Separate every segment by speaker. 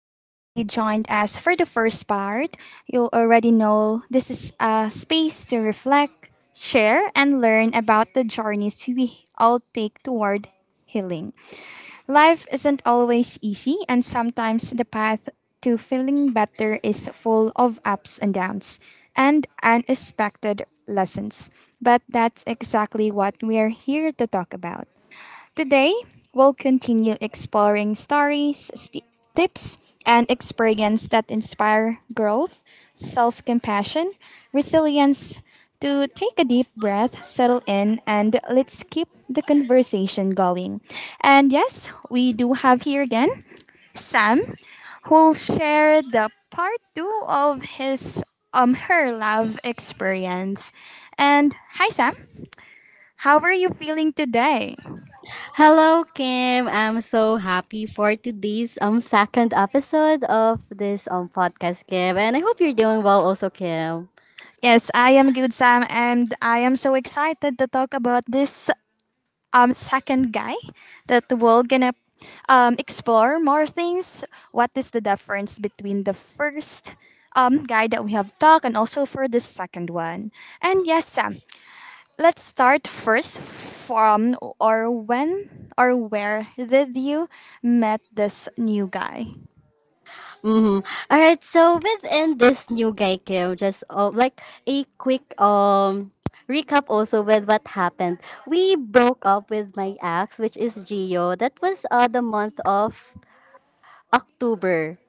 Speaker 1: and if you joined us for the first part, you already know this is a space to reflect, share, and learn about the journeys we all take toward healing. Life isn't always easy, and sometimes the path to feeling better is full of ups and downs and unexpected lessons. But that's exactly what we're here to talk about. Today, we'll continue exploring stories, tips, and experiences that inspire growth, self-compassion, resilience. To take a deep breath, settle in, and let's keep the conversation going. And yes, we do have here again Sam, who'll share the part two of his her love experience. And hi Sam, how are you feeling today?
Speaker 2: Hello, Kim. I'm so happy for today's second episode of this podcast, Kim, and I hope you're doing well, also, Kim.
Speaker 1: Yes, I am good, Sam, and I am so excited to talk about this second guy that we're gonna explore more things. What is the difference between the first guy that we have talked and also for the second one? And yes, Sam, let's start first from or when or where did you met this new guy?
Speaker 2: Mm-hmm. All right. So within this new guy, Kim, just like a quick recap also with what happened. We broke up with my ex, which is Gio. That was the month of October.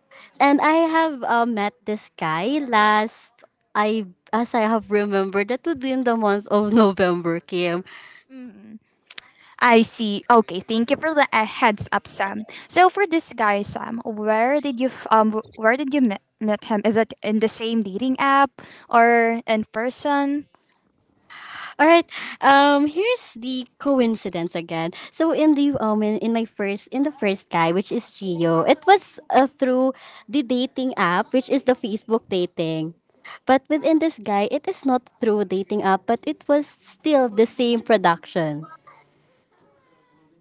Speaker 2: And I have met this guy last I as I have remembered that would be in the month of November, Kim.
Speaker 1: Mm. I see. Okay, thank you for the heads up, Sam. So for this guy, Sam, where did you where did you met him? Is it in the same dating app or in person?
Speaker 2: All right. Here's the coincidence again. So in the first guy which is Gio, it was through the dating app which is the Facebook dating. But within this guy, it is not through dating app, but it was still the same production.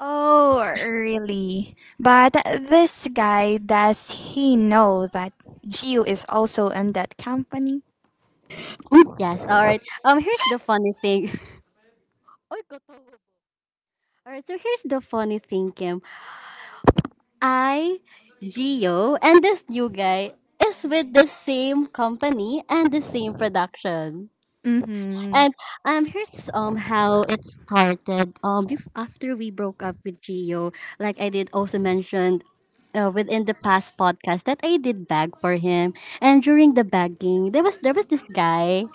Speaker 1: Oh, really? But this guy, does he know that Gio is also in that company?
Speaker 2: Yes, all right. Here's the funny thing. Oy, katawa. All right, so here's the funny thing, Kim. I, Gio, and this new guy is with the same company and the same production.
Speaker 1: Mm-hmm.
Speaker 2: And here's how it started. After we broke up with Gio, like I did also mentioned. Within the past podcast that I did bag for him, and during the bagging, there was this guy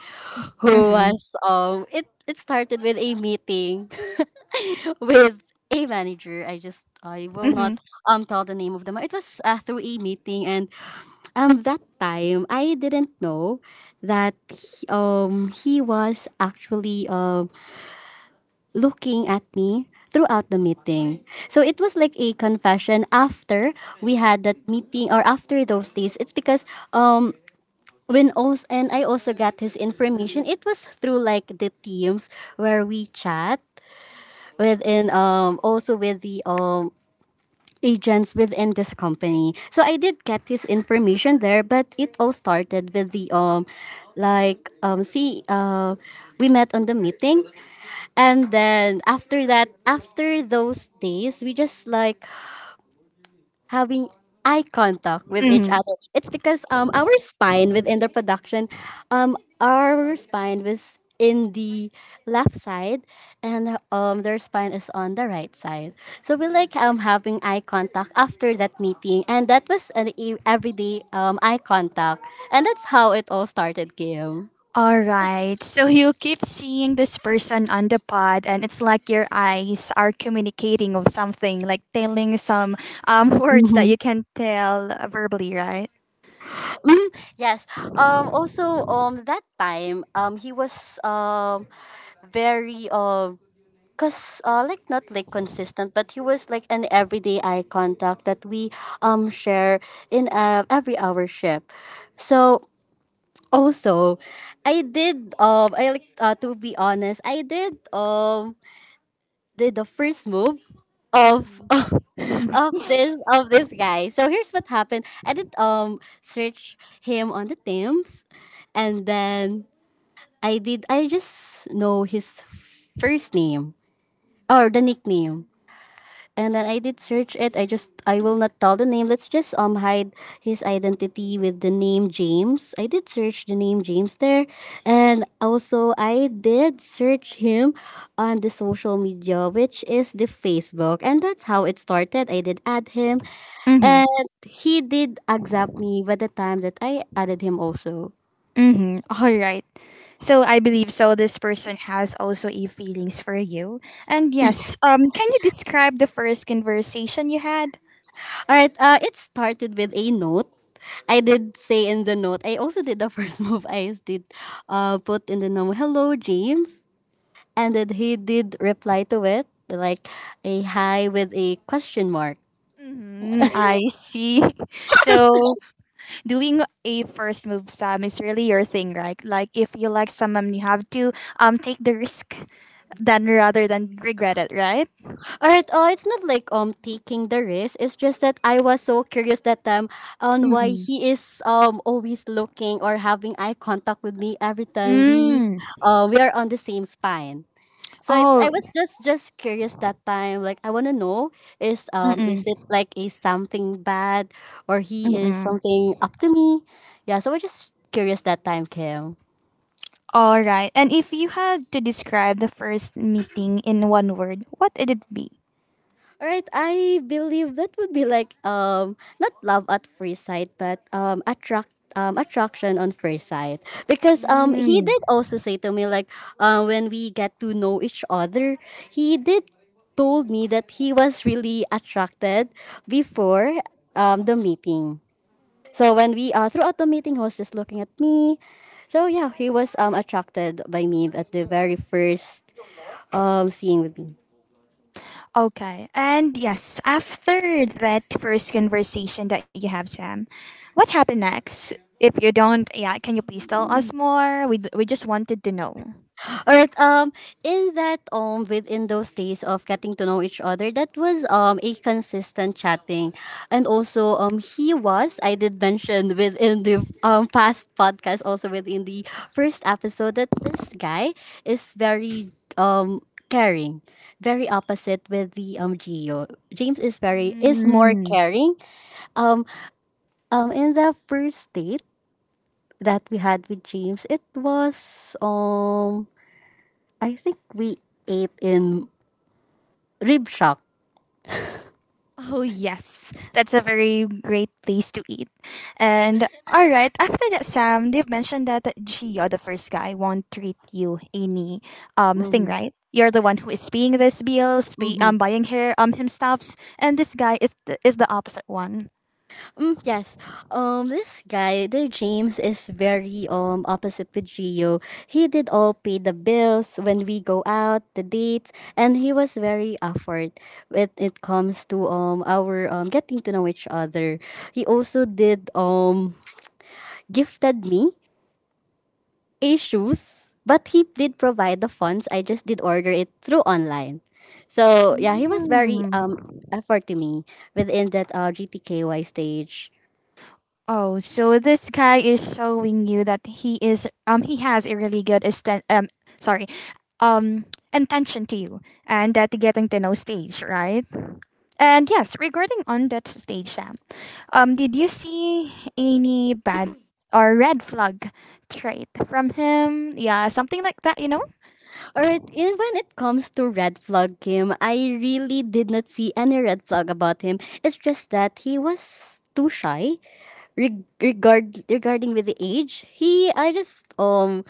Speaker 2: who
Speaker 1: Mm-hmm.
Speaker 2: was it it started with a meeting with a manager. I will
Speaker 1: Mm-hmm.
Speaker 2: not tell the name of them. It was through a meeting, and that time I didn't know that he was actually looking at me throughout the meeting. So it was like a confession after we had that meeting or after those days. It's because um when also and I also got his information. It was through like the teams where we chat within also with the agents within this company. So I did get this information there, but it all started with the like see we met on the meeting, and then after that, after those days, we just like having eye contact with each
Speaker 1: Mm-hmm.
Speaker 2: other. It's because our spine within the production, our spine was in the left side, and their spine is on the right side. So we like having eye contact after that meeting, and that was an everyday eye contact, and that's how it all started, Kim.
Speaker 1: All right. So you keep seeing this person on the pod, and it's like your eyes are communicating of something, like telling some words that
Speaker 2: Mm-hmm.
Speaker 1: you can tell verbally, right?
Speaker 2: Yes. Also that time he was very Cause like not like consistent, but he was like an everyday eye contact that we share in every hour shift. So also, I did I like to be honest, I did the first move of
Speaker 1: Mm-mm.
Speaker 2: of this guy. So here's what happened. I did search him on the Thames, and then I just know his first name or the nickname, and then I did search it. I will not tell the name. Let's just hide his identity with the name James. I did search the name James there, and also I did search him on the social media, which is the Facebook, and that's how it started. I did add him, and
Speaker 1: Mm-hmm.
Speaker 2: he did accept me by the time that I added him also.
Speaker 1: Mm-hmm. All right. So I believe so. This person has also a feelings for you, and yes. Can you describe the first conversation you had?
Speaker 2: All right. It started with a note. I did say in the note. I also did the first move. I did put in the note, "Hello, James." And then he did reply to it like a hi with a question mark.
Speaker 1: Mm-hmm. Mm, I see. So doing a first move Sam is really your thing, right? Like if you like someone, you have to take the risk then rather than regret it, right?
Speaker 2: Alright, oh, it's not like taking the risk. It's just that I was so curious that time on why
Speaker 1: Mm-mm.
Speaker 2: he is always looking or having eye contact with me every time
Speaker 1: Mm.
Speaker 2: we are on the same spine. So it's I
Speaker 1: Oh.
Speaker 2: was just curious that time. Like I wanna know is
Speaker 1: Mm-mm.
Speaker 2: it like a something bad, or he is
Speaker 1: Mm-mm.
Speaker 2: something up to me? Yeah, so we're just curious that time, Kim.
Speaker 1: All right. And if you had to describe the first meeting in one word, what would it be?
Speaker 2: Alright, I believe that would be like not love at first sight, but attraction on first sight. Because he
Speaker 1: Mm.
Speaker 2: did also say to me like when we get to know each other, he did told me that he was really attracted before the meeting. So when we throughout the meeting, he was just looking at me. So yeah, he was attracted by me at the very first seeing with me.
Speaker 1: Okay. And yes, after that first conversation that you have, Sam, what happened next? If you don't, yeah, can you please tell us more? We just wanted to know.
Speaker 2: Alright, in that within those days of getting to know each other, that was a consistent chatting, and also he was I did mention within the past podcast also within the first episode that this guy is very caring, very opposite with the Gio. James is more
Speaker 1: Mm.
Speaker 2: caring. Um, in the first date that we had with James, it was I think we ate in Rib Shack.
Speaker 1: Oh, yes. That's a very great place to eat. And all right, after that, Sam, you've mentioned that Gio, the first guy, won't treat you any thing,
Speaker 2: Mm-hmm.
Speaker 1: right? You're the one who is paying these bills, pay,
Speaker 2: Mm-hmm.
Speaker 1: buying her him stuffs, and this guy is is the opposite one.
Speaker 2: Mm, yes. This guy, the James, is very opposite with Gio. He did all pay the bills when we go out, the dates, and he was very afford when it comes to our getting to know each other. He also did gifted me issues, but he did provide the funds. I just did order it through online. So yeah, he was very
Speaker 1: Hmm.
Speaker 2: effort to me within that GTKY stage.
Speaker 1: Oh, so this guy is showing you that he is he has a really good sorry um intention to you and that getting to know stage, right? And yes, regarding on that stage, Sam, did you see any bad or red flag trait from him? Yeah, something like that, you know?
Speaker 2: All right, and when it comes to red flag, Kim, I really did not see any red flag about him. It's just that he was too shy regarding with the age. He I just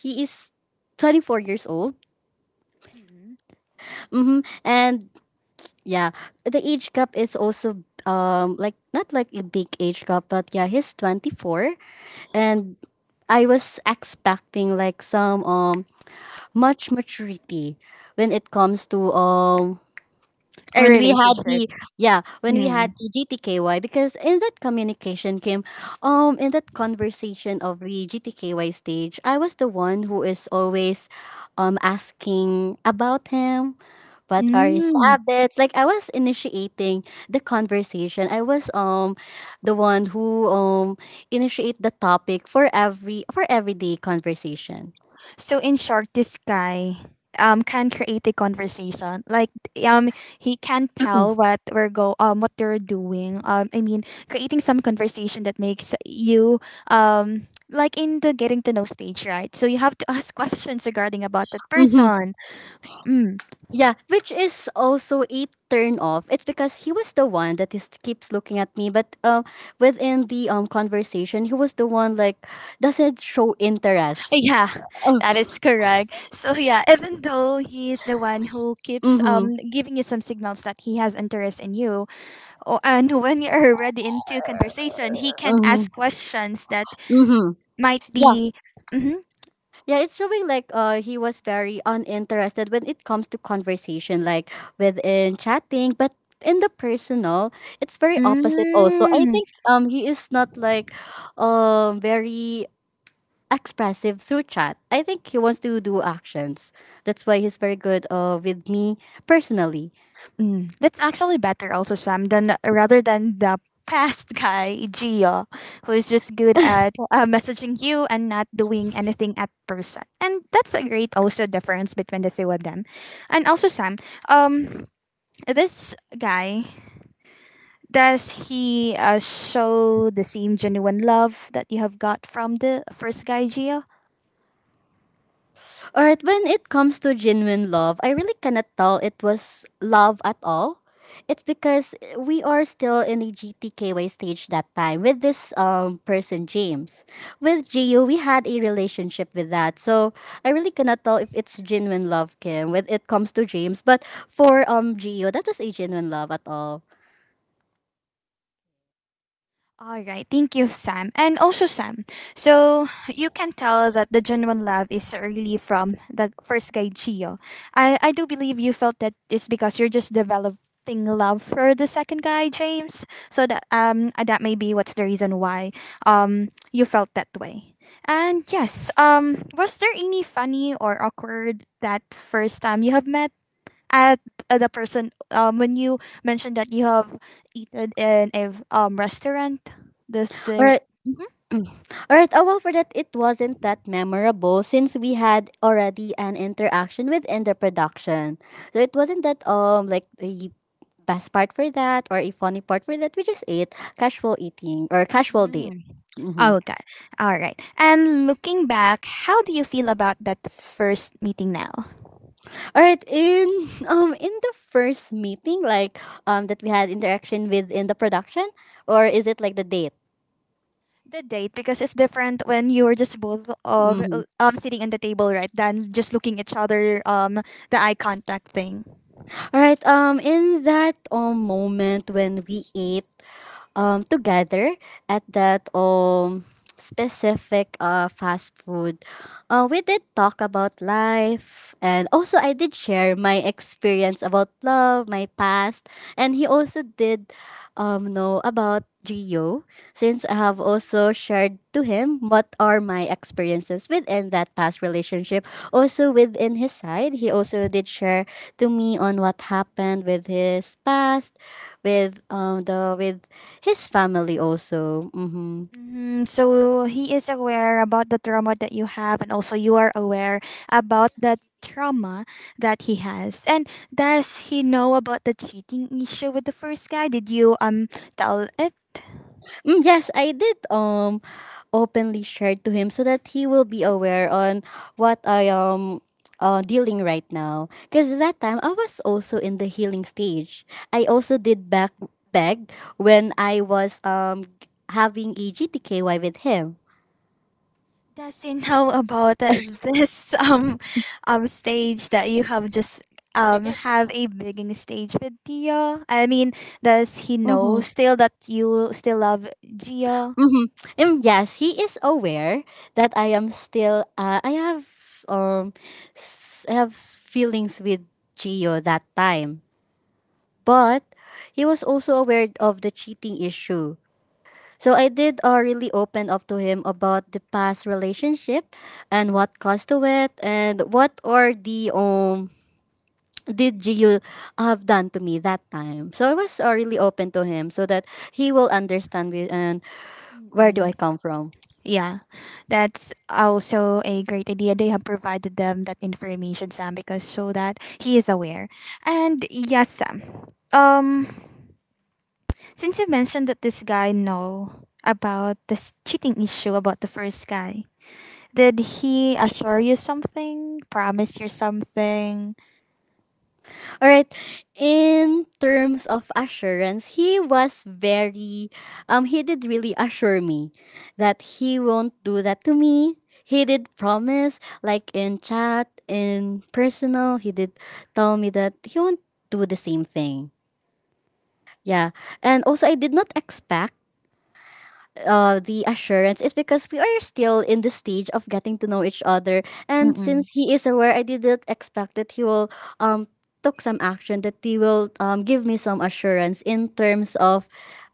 Speaker 2: he is 24 years old.
Speaker 1: Mm.
Speaker 2: Mm-hmm. And yeah, the age gap is also like not like a big age gap, but yeah, he's 24, and I was expecting like some much maturity when it comes to
Speaker 1: A
Speaker 2: when we had
Speaker 1: relationship.
Speaker 2: the yeah, when we
Speaker 1: Mm.
Speaker 2: had the GTKY, because in that conversation of the GTKY stage, I was the one who is always asking about him, what are his
Speaker 1: Mm.
Speaker 2: habits? Like I was initiating the conversation. I was The one who initiate the topic for everyday conversation.
Speaker 1: So in short, this guy can create a conversation. Like um he can tell what we're go what they're doing. I mean creating some conversation that makes you like in the getting to know stage, right? So you have to ask questions regarding about that
Speaker 2: Mm-hmm.
Speaker 1: person. Mm.
Speaker 2: Yeah, which is also a turn off. It's because he was the one that is keeps looking at me, but within the conversation, he was the one like doesn't show interest.
Speaker 1: Yeah,
Speaker 2: Oh,
Speaker 1: that is correct. So yeah, even though he is the one who keeps
Speaker 2: mm-hmm.
Speaker 1: giving you some signals that he has interest in you, And when you're already into conversation, he can't
Speaker 2: Mm-hmm.
Speaker 1: ask questions that
Speaker 2: Mm-hmm.
Speaker 1: might be. Mm-hmm.
Speaker 2: Yeah, it's showing like he was very uninterested when it comes to conversation, like within chatting, but in the personal, it's very opposite also. I
Speaker 1: Mm,
Speaker 2: think he is not like very expressive through chat. I think he wants to do actions. That's why he's very good with me personally.
Speaker 1: mm. That's actually better, also, Sam, than rather than the past guy, Gio, who is just good at messaging you and not doing anything at person. And that's a great also difference between the two of them. And also, Sam, um, this guy does he show the same genuine love that you have got from the first guy Gio?
Speaker 2: Alright, when it comes to genuine love, I really cannot tell it was love at all. It's because we are still in a GTKY stage that time with this person James. With Gio, we had a relationship with that, so I really cannot tell if it's genuine love, Kim, when it comes to James. But for Gio, that was a genuine love at all.
Speaker 1: All right, thank you, Sam. And also, Sam, so you can tell that the genuine love is really from the first guy, Gio. I do believe you felt that it's because you're just developing love for the second guy, James. So that that may be what's the reason why you felt that way. And yes, was there any funny or awkward that first time you have met? At the person when you mentioned that you have eaten in a restaurant does there
Speaker 2: Alright.
Speaker 1: Mhm.
Speaker 2: Alright, oh well, for that, it wasn't that memorable since we had already an interaction within the production. So it wasn't that, like the best part for that or a funny part for that. We just ate casual eating or casual date.
Speaker 1: Mm.
Speaker 2: Mm-hmm.
Speaker 1: Okay, all right. And looking back, how do you feel about that first meeting now?
Speaker 2: All right, in in the first meeting, like that we had interaction with in the production, or is it like the date?
Speaker 1: The date, because it's different when you're just both of
Speaker 2: Mm-hmm.
Speaker 1: sitting at the table, right, than just looking each other, the eye contact thing.
Speaker 2: All right. In that moment when we ate together at that specific fast food. We did talk about life, and also I did share my experience about love, my past, and he also did know about Gio since I have also shared to him what are my experiences within that past relationship. Also within his side, he also did share to me on what happened with his past, with the with his family also. Mhm.
Speaker 1: Hmm. So he is aware about the trauma that you have, and also you are aware about the trauma that he has. And does he know about the cheating issue with the first guy? Did you tell it?
Speaker 2: Mm, yes, I did openly share to him so that he will be aware on what I am dealing right now. Cause that time I was also in the healing stage. I also did back beg when I was having a GTKY with him.
Speaker 1: Does he know about this stage that you have just
Speaker 2: Kagets ka?
Speaker 1: have a begging stage with Tio? I mean, does he know still that you still love Gio?
Speaker 2: Mm-hmm. And yes, he is aware that I am still. I have um, I have feelings with Gio that time, but he was also aware of the cheating issue. So I did really open up to him about the past relationship and what caused to it, and what are the did Gio have done to me that time. So I was really open to him so that he will understand me and where do I
Speaker 1: Mm-mm.
Speaker 2: come from.
Speaker 1: Yeah, that's also a great idea. They have provided them that information, Sam, because so that he is aware. And yes, Sam. Um, since you mentioned that this guy know about this cheating issue about the first guy, did he assure you something? Promise you something?
Speaker 2: All right. In terms of assurance, he was very he did really assure me that he won't do that to me. He did promise like in chat, in personal, he did tell me that he won't do the same thing. Yeah. And also I did not expect the assurance is because we are still in the stage of getting to know each other. And since
Speaker 1: Mm-mm.
Speaker 2: he is aware, I didn't expect that he will um took some action, that he will give me some assurance in terms of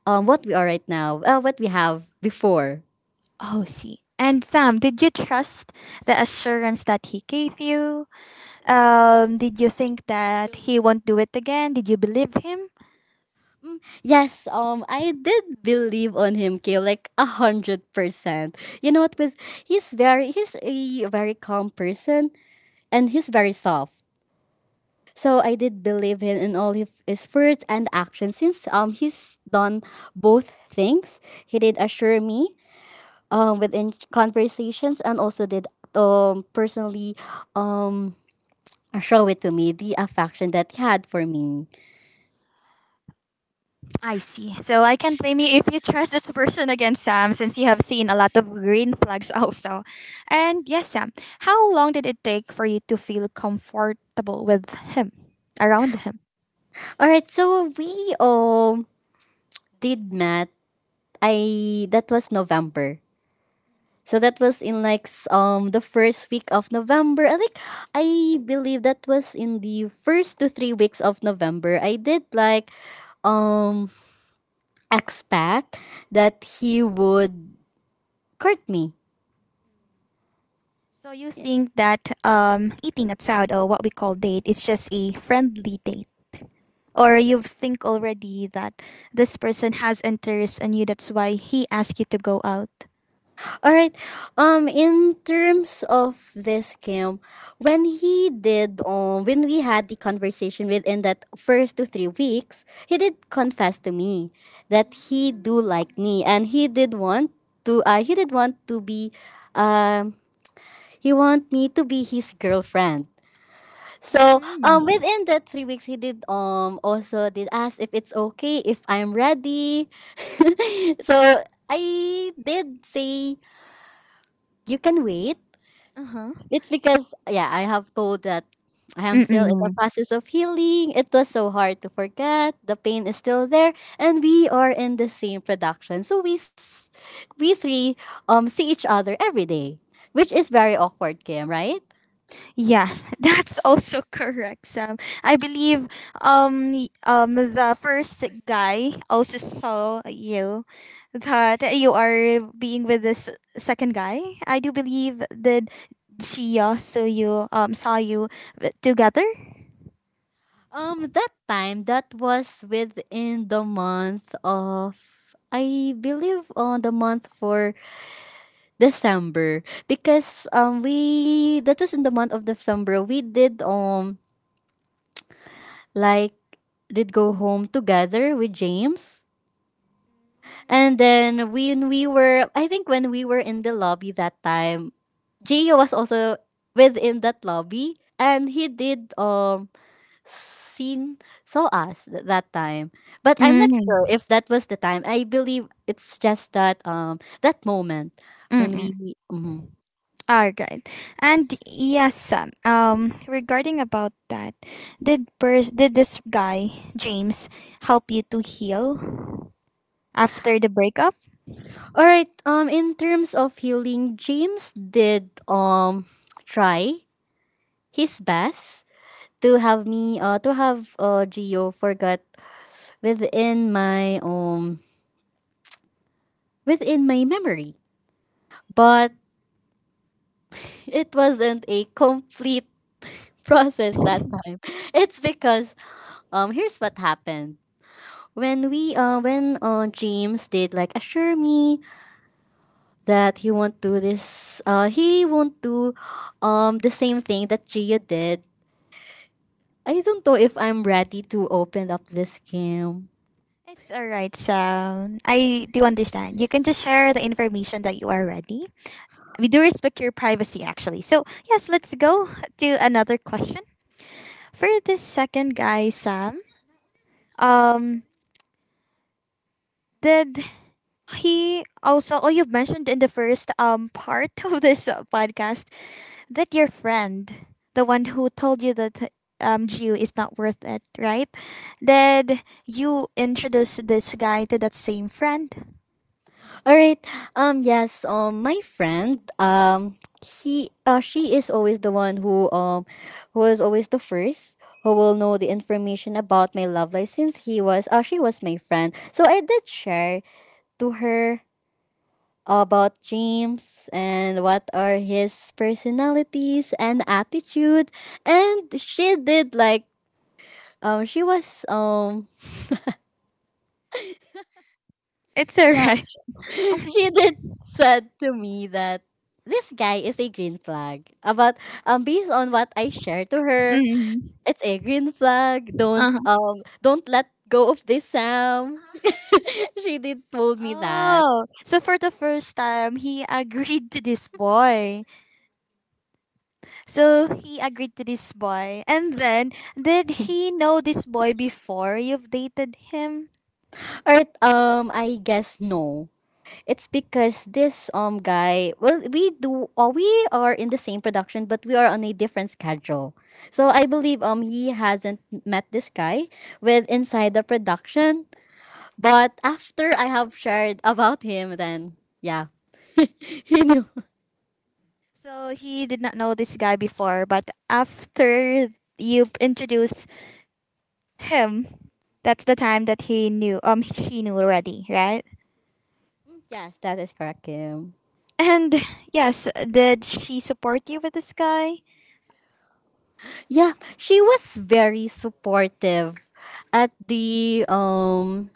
Speaker 2: what we are right now, what we have before.
Speaker 1: Oh, see. And Sam, did you trust the assurance that he gave you? Did you think that he won't do it again? Did you believe him?
Speaker 2: Mm, yes, I did believe on him, Kay, like 100%. You know what? Because he's a very calm person, and he's very soft. So I did believe him in all of his words and actions, since he's done both things. He did assure me within conversations, and also did personally um show it to me the affection that he had for me.
Speaker 1: I see. So I can blame you if you trust this person again, Sam, since you have seen a lot of green flags also. And yes, Sam, how long did it take for you to feel comfortable with him, around him?
Speaker 2: All right, so we did met. I That was November. So that was in like the first week of November. I think I believe that was in the first to 3 weeks of November. I did like um expect that he would court me.
Speaker 1: So you think that eating at out or what we call date is just a friendly date? Or you think already that this person has interest in you, that's why he asked you to go out?
Speaker 2: All right. In terms of this, Kim, when he did when we had the conversation within that first 2-3 weeks, he did confess to me that he do like me, and he did want to he did want to be um he want me to be his girlfriend. So
Speaker 1: Mm-hmm.
Speaker 2: within that 3 weeks he did also did ask if it's okay, if I'm ready. So I did say, you can wait.
Speaker 1: Uh-huh.
Speaker 2: It's because, yeah, I have told that I am still in the
Speaker 1: Mm-mm.
Speaker 2: process of healing. It was so hard to forget. The pain is still there, and we are in the same production. So we three see each other every day, which is very awkward, Kim, right?
Speaker 1: Yeah, that's also correct, Sam. I believe the first guy also saw you that you are being with this second guy. I do believe that she also you saw you together.
Speaker 2: That time, that was within the month of, I believe, on the month for December, because we that was in the month of December. We did like did go home together with James, and then when we were, I think when we were in the lobby that time, Gio was also within that lobby, and he did seen saw us that time. But I'm not sure
Speaker 1: Mm-hmm.
Speaker 2: if that was the time. I believe it's just that that moment when
Speaker 1: Mm-hmm.
Speaker 2: we mhm.
Speaker 1: All right. And yes, Sam. Regarding about that, did this guy James help you to heal after the breakup?
Speaker 2: All right. In terms of healing, James did try his best to have me to have Geo forget within my um within my memory, but it wasn't a complete process that time. It's because here's what happened. When we when James did like assure me that he won't do this he won't do the same thing that Gia did. I don't know if I'm ready to open up this game.
Speaker 1: It's all right, Sam. I do understand. You can just share the information that you are ready. We do respect your privacy, actually. So, yes, let's go to another question. For this second guy, Sam, um, did he also, oh, you've mentioned in the first part of this podcast that your friend, the one who told you that Gio is not worth it, right? Did you introduce this guy to that same friend?
Speaker 2: All right. Yes, my friend, he she is always the one who is always the first who will know the information about my love life, since he was she was my friend. So I did share to her about James, and what are his personalities and attitude. And she did like she was
Speaker 1: It's all
Speaker 2: yeah,
Speaker 1: right.
Speaker 2: she did said to me that this guy is a green flag. About based on what I shared to her,
Speaker 1: Mhm.
Speaker 2: it's a green flag.
Speaker 1: Uh-huh.
Speaker 2: Don't let go of this, Sam. She did told me that.
Speaker 1: Oh, so for the first time, he agreed to this boy. So he agreed to this boy. And then, did he know this boy before you've dated him?
Speaker 2: Or I guess no. It's because this guy, well, we do we are in the same production, but we are on a different schedule. So I believe he hasn't met this guy with inside the production. But after I have shared about him, then yeah. He knew.
Speaker 1: So he did not know this guy before, but after you introduced him, that's the time that he knew, she knew already, right?
Speaker 2: Yes, that is correct, Kim.
Speaker 1: And yes, did she support you with this guy?
Speaker 2: Yeah, she was very supportive at the um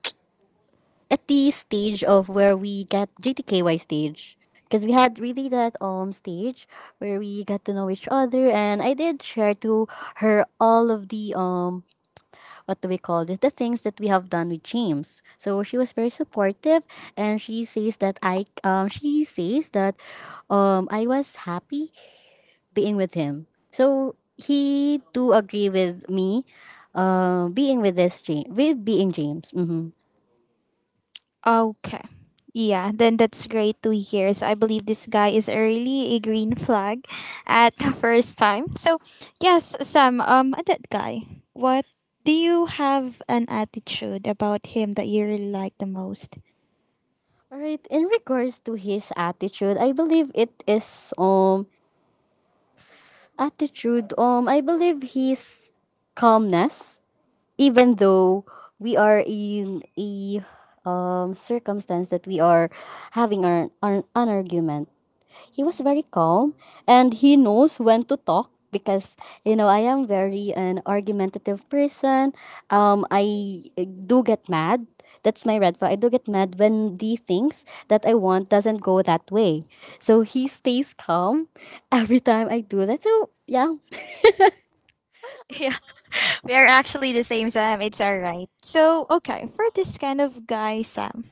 Speaker 2: at the stage of where we get JTKY stage. Because we had really that stage where we got to know each other, and I did share to her all of the what do we call this, the things that we have done with James. So she was very supportive, and she says that I was happy being with him. So he do agree with me being with this James, with being James. Mm-hmm.
Speaker 1: Okay. Yeah, then that's great to hear. So I believe this guy is really a green flag at the first time. So yes, Sam, that guy. What do you have an attitude about him that you really like the most?
Speaker 2: Alright, in regards to his attitude, I believe it is attitude. I believe his calmness. Even though we are in a circumstance that we are having our an argument, he was very calm, and he knows when to talk, because, you know, I am very an argumentative person. I do get mad. That's my red flag. I do get mad when the things that I want doesn't go that way. So he stays calm every time I do that. So yeah.
Speaker 1: Yeah, we are actually the same, Sam. It's alright. So okay, for this kind of guy, Sam.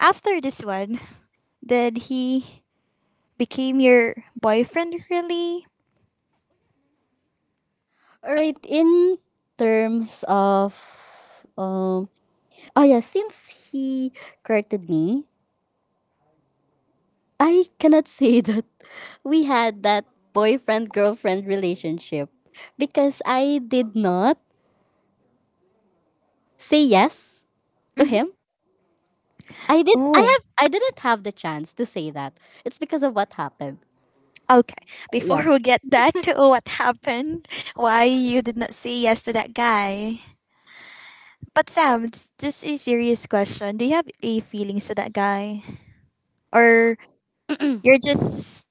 Speaker 1: After this one, did he became your boyfriend really?
Speaker 2: All right. In terms of um oh yeah, since he courted me, I cannot say that we had that boyfriend girlfriend relationship, because I did not say yes to
Speaker 1: Mm-hmm.
Speaker 2: him.
Speaker 1: Oh.
Speaker 2: I didn't have the chance to say that. It's because of what happened.
Speaker 1: Okay, before
Speaker 2: Yeah.
Speaker 1: we get that to what happened, why you did not say yes to that guy. But Sam, it's just a serious question. Do you have a feelings to that guy, or you're just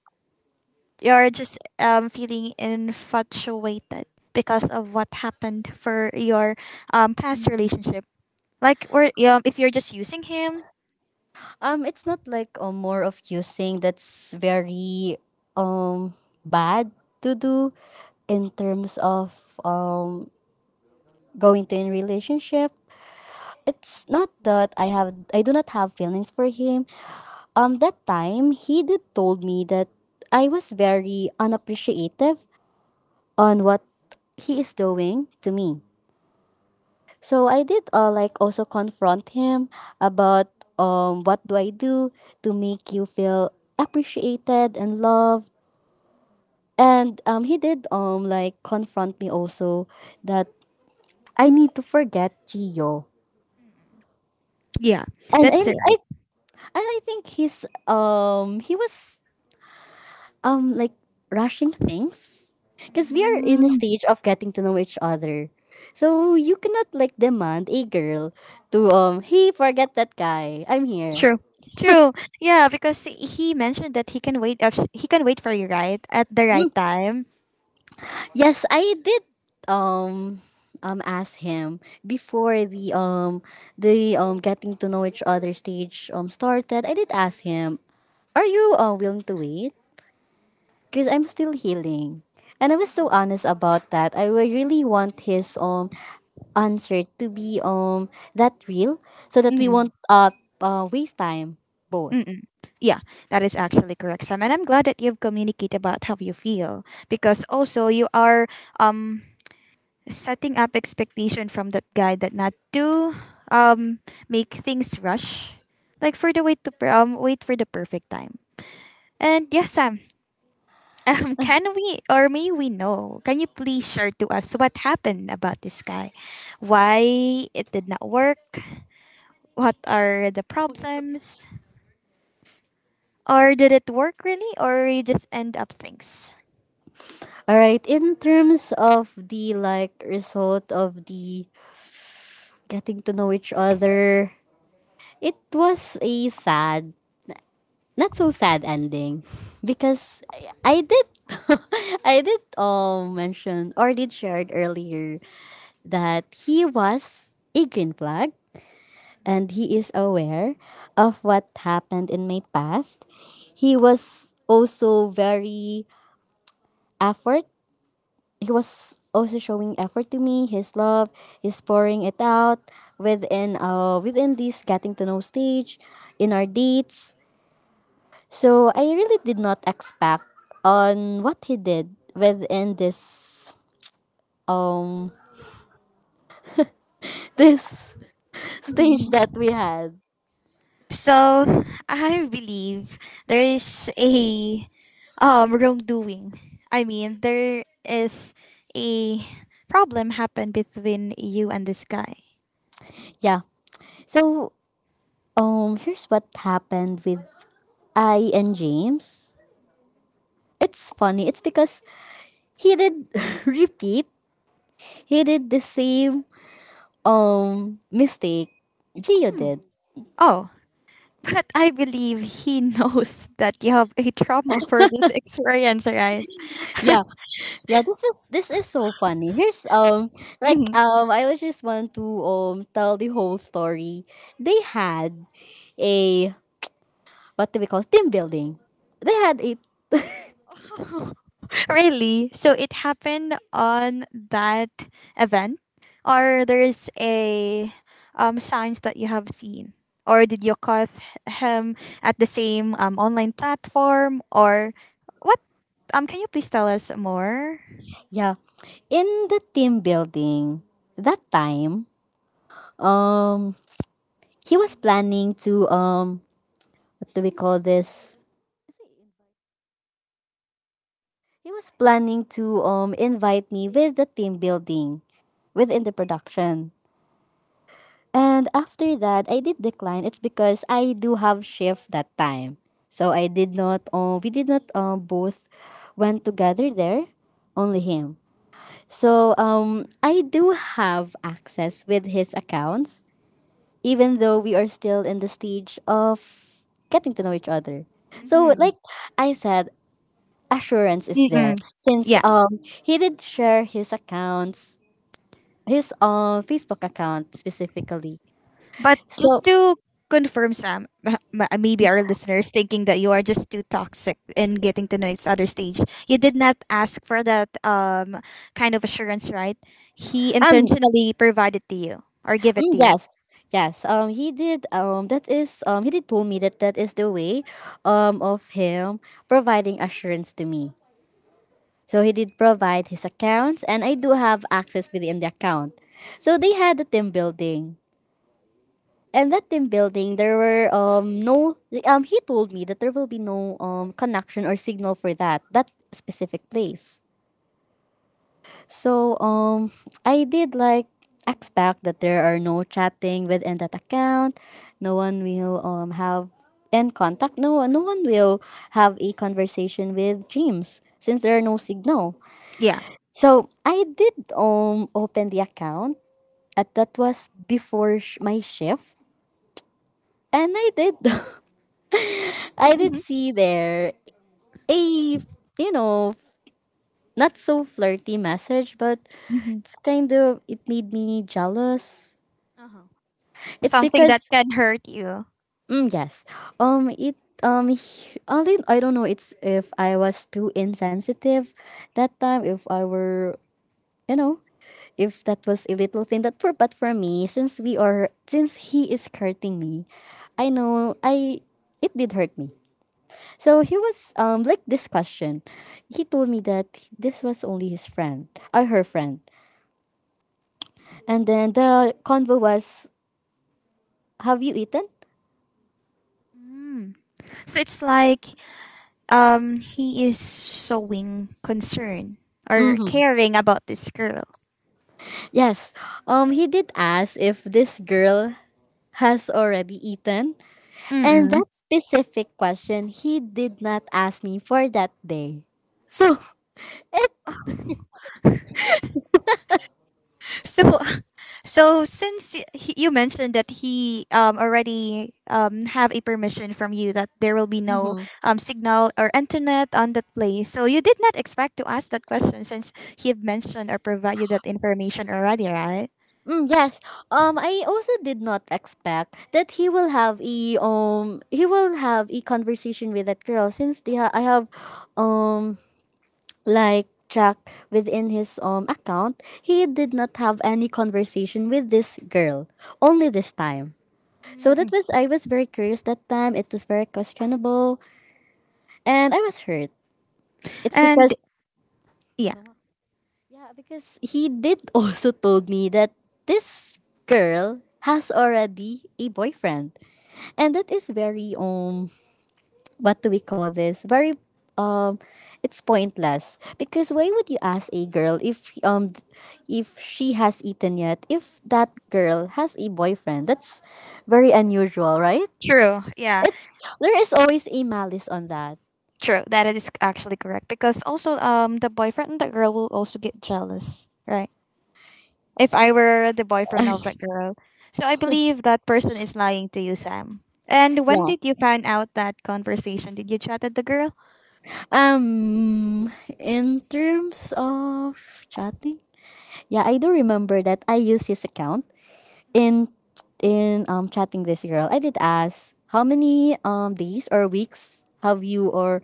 Speaker 1: you're just feeling infatuated because of what happened for your past relationship? Like, or if you're just using him,
Speaker 2: It's not like more of you saying that's very um bad to do in terms of going to in relationship. It's not that I do not have feelings for him. That time he did told me that I was very unappreciative on what he is doing to me. So I did like also confront him about what do I do to make you feel appreciated and loved. And he did like confront me also that I need to forget Gio.
Speaker 1: yeah,
Speaker 2: And I,
Speaker 1: that's right.
Speaker 2: I and I think he was like rushing things, because we are in the stage of getting to know each other. So you cannot like demand a girl to hey, forget that guy, I'm here.
Speaker 1: True. True. Yeah, because he mentioned that he can wait. If he can wait for you, right, at the right time.
Speaker 2: Yes, I did um ask him before the getting to know each other stage started. I did ask him, are you willing to wait, because I'm still healing, and I was so honest about that. I would really want his answer to be that real, so that we won't
Speaker 1: Mm-mm.
Speaker 2: waste time, both.
Speaker 1: Mm-mm. Yeah, that is actually correct, Sam. And I'm glad that you've communicated about how you feel because also you are um setting up expectation from that guy that not to um make things rush, like for the wait to wait for the perfect time. And yes, Sam, um, can we or may we know? Can you please share to us what happened about this guy? Why it did not work? What are the
Speaker 2: All
Speaker 1: problems? Or did it work really? Or you just end up things?
Speaker 2: right, in terms of the, like, result of the getting to know each other, it was a sad, not so sad ending, because I did I did mention or did shared earlier that he was a green flag, and he is aware of what happened in my past. He was also very effort. He was also showing effort to me, his love, he's pouring it out within within this getting to know stage, in our dates. So I really did not expect on what he did within this um this stage
Speaker 1: Mhm.
Speaker 2: that we had.
Speaker 1: So I believe there is a wrongdoing. I mean there is a problem happened between you and this guy.
Speaker 2: Yeah. So here's what happened with I and James. It's funny. It's because he did repeat. He did the same mistake Gio
Speaker 1: Hmm.
Speaker 2: did.
Speaker 1: Oh, but I believe he knows that you have a trauma for this experience, right?
Speaker 2: Yeah, yeah. This is so funny. Here's
Speaker 1: Mhm.
Speaker 2: I was just want to tell the whole story. They had a, what do we call, team building. They had a,
Speaker 1: Really? So it happened on that event? Or there's a signs that you have seen? Or did you caught him at the same online platform, or what, can you please tell us more?
Speaker 2: yeah, in the team building that time, um he was planning to what do we call this, he was planning to invite me with the team building within the production. And after that, I did decline. It's because I do have shift that time. So I did not we did not both went together there, only him. So I do have access with his accounts, even though we are still in the stage of getting to know each other. So
Speaker 1: Mm-hmm.
Speaker 2: like I said, assurance is there,
Speaker 1: Mm-mm.
Speaker 2: since
Speaker 1: Yeah.
Speaker 2: he did share his accounts, his Facebook account specifically.
Speaker 1: But
Speaker 2: So
Speaker 1: just to confirm, Sam, maybe our listeners thinking that you are just too toxic in getting to know each other stage. You did not ask for that kind of assurance, right? He
Speaker 2: um,
Speaker 1: intentionally provided to you or give it to you.
Speaker 2: yes, yes, he did that is he did told me that that is the way of him providing assurance to me. So he did provide his accounts, and I do have access within the account. So they had a team building, and that team building, there were no he told me that there will be no connection or signal for that specific place. So I did like expect that there are no chatting within that account. No one will have in contact. No no one will have a conversation with James, since there are no signal.
Speaker 1: Yeah.
Speaker 2: So I did open the account. At that was before my shift, and I did I did
Speaker 1: Hmm.
Speaker 2: see there a you know not so flirty message, but
Speaker 1: Hmm.
Speaker 2: it's kind of, it made me jealous.
Speaker 1: Uh-huh.
Speaker 2: It's
Speaker 1: Something that
Speaker 2: because
Speaker 1: can hurt you.
Speaker 2: yes, um, it I don't know. It's if I was too insensitive that time. If I were you know if that was a little thing that for but for me since we are since he is hurting me, I know I it did hurt me. So he was like this question. He told me that this was only his friend or her friend, and then the convo was, "Have you eaten?"
Speaker 1: Mm. So it's like he is showing concern or
Speaker 2: Mm-hmm.
Speaker 1: caring about this girl.
Speaker 2: Yes. He did ask if this girl has already eaten, and
Speaker 1: Mm.
Speaker 2: that specific question he did not ask me for that day. So,
Speaker 1: So, so since he, you mentioned that he, already, have a permission from you that there will be no signal or internet on that place, so you did not expect to ask that question since he have mentioned or provided that information already, right?
Speaker 2: mm, yes. I also did not expect that he will have a conversation with that girl since I have um like Jack within his account, he did not have any conversation with this girl. Only this time. So
Speaker 1: Hmm.
Speaker 2: that was I was very curious that time. It was very questionable and I was hurt. It's
Speaker 1: And
Speaker 2: because
Speaker 1: yeah,
Speaker 2: yeah, because he did also told me that this girl has already a boyfriend. And that is very what do we call this very um it's pointless because why would you ask a girl if if she has eaten yet if that girl has a boyfriend, that's very unusual, right?
Speaker 1: true. Yeah,
Speaker 2: It's there is always a malice on that.
Speaker 1: true. That is actually correct because also the boyfriend and the girl will also get jealous, right? If I were the boyfriend of that girl. So I believe that person is lying to you, Sam. And when
Speaker 2: Yeah,
Speaker 1: did you find out that conversation? Did you chat at the girl?
Speaker 2: um in terms of chatting, yeah, I do remember that I use his account in in chatting this girl, I did ask how many days or weeks have you or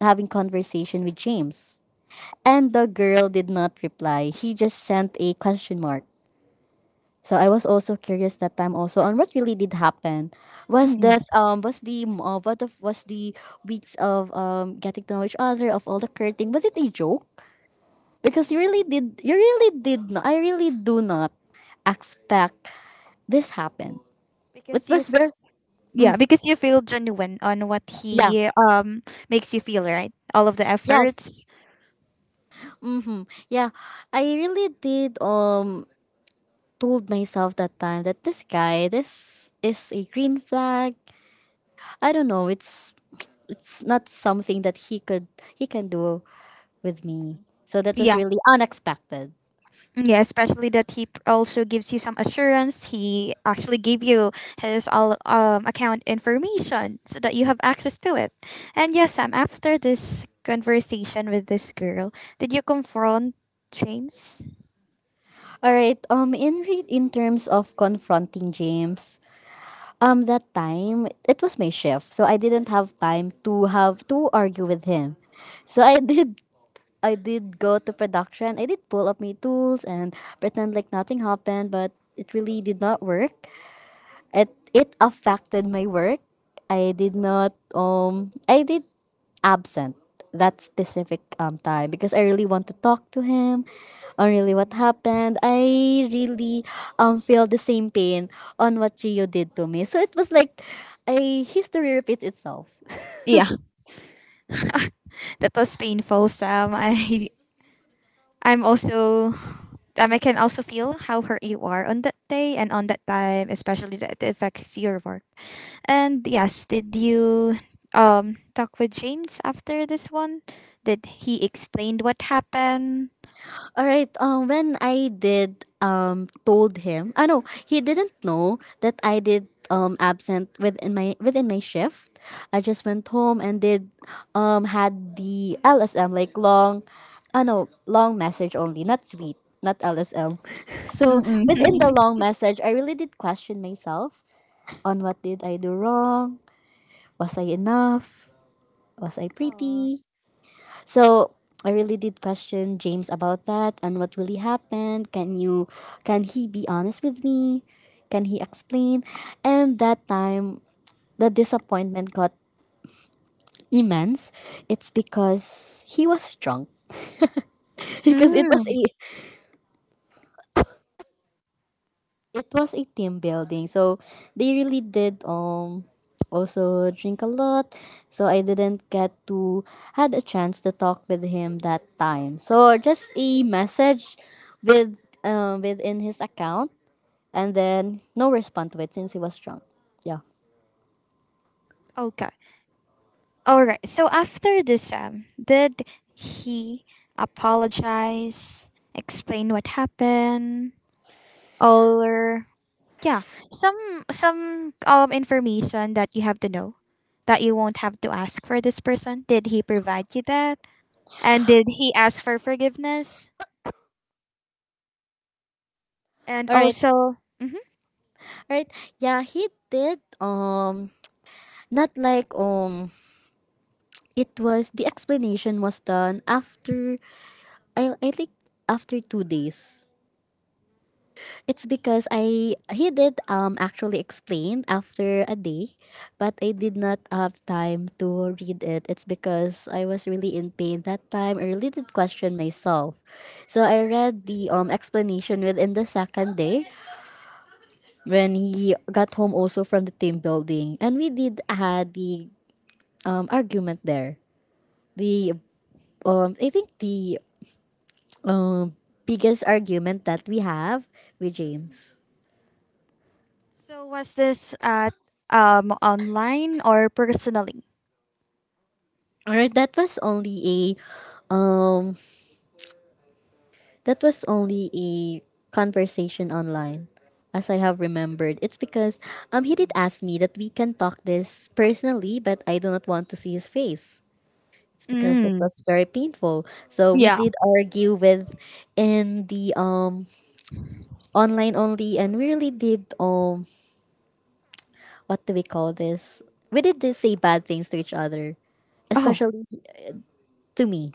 Speaker 2: having conversation with James? And the girl did not reply. He just sent a question mark. So I was also curious that time also on what really did happen.
Speaker 1: Mm-mm.
Speaker 2: Was the weeks of getting to know each other of all the flirting, was it a joke? Because you really did not I really do not expect this happen. It
Speaker 1: Because you,
Speaker 2: was very.
Speaker 1: yeah, because you feel genuine on what
Speaker 2: Yeah.
Speaker 1: he makes you feel, right? All of the efforts.
Speaker 2: Yes. Mm-hmm. Yeah. I really did told myself that time that this guy, this is a green flag. I don't know, it's not something that he can do with me. So that was really unexpected.
Speaker 1: Mm, yeah, especially that he also gives you some assurance. He actually gave you his all account information so that you have access to it. And yes, Sam, after this conversation with this girl, did you confront James?
Speaker 2: All right. In terms of confronting James, that time it was my shift. So I didn't have time to have to argue with him. So I did I did go to production. I did pull up my tools and pretend like nothing happened, but it really did not work. It affected my work. I did not I did absent that specific time because I really want to talk to him on really what happened. I really feel the same pain on what Gio did to me. So it was like a history repeats itself.
Speaker 1: Yeah, that was painful, Sam. I'm also, I can also feel how hurt you are on that day and on that time, especially that it affects your work. And yes, did you talk with James after this one? Did he explained what happened?
Speaker 2: All right. When I did told him, I know he didn't know that I did absent within my shift. I just went home and did had the LSM, like long, I know long message only, not tweet, not LSM. so within the
Speaker 1: Mm-mm.
Speaker 2: long message, I really did question myself on what did I do wrong? Was I enough? Was I
Speaker 1: Oh.
Speaker 2: pretty? So I really did question James about that and what really happened. Can you can he be honest with me? Can he explain? And that time the disappointment got immense. It's because he was drunk. because it was
Speaker 1: Mm.
Speaker 2: a. It was a team building. So they really did also drink a lot. So I didn't get to had a chance to talk with him that time. So just a message with within his account, and then no response to it since he was drunk. Yeah.
Speaker 1: Okay. All right. So after this, did he apologize? Explain what happened? Or yeah, some information that you have to know that you won't have to ask for this person. Did he provide you that? And did he ask for forgiveness? And
Speaker 2: All right.
Speaker 1: also, hmm,
Speaker 2: All right. Yeah, he did not like it was the explanation was done after I think after 2 days. It's because I he did actually explain after a day, but I did not have time to read it. It's because I was really in pain that time. I really did question myself, so I read the explanation within the second day when he got home also from the team building, and we did had the argument there. The I think the biggest argument that we have with James.
Speaker 1: so was this at online or personally?
Speaker 2: All right, that was only a that was only a conversation online as I have remembered. It's because he did ask me that we can talk this personally, but I do not want to see his face. It's because that
Speaker 1: Mm,
Speaker 2: was very painful. So we
Speaker 1: yeah.
Speaker 2: did argue with in the online only, and we really did what do we call this? we did this say bad things to each other,
Speaker 1: Oh,
Speaker 2: especially to me.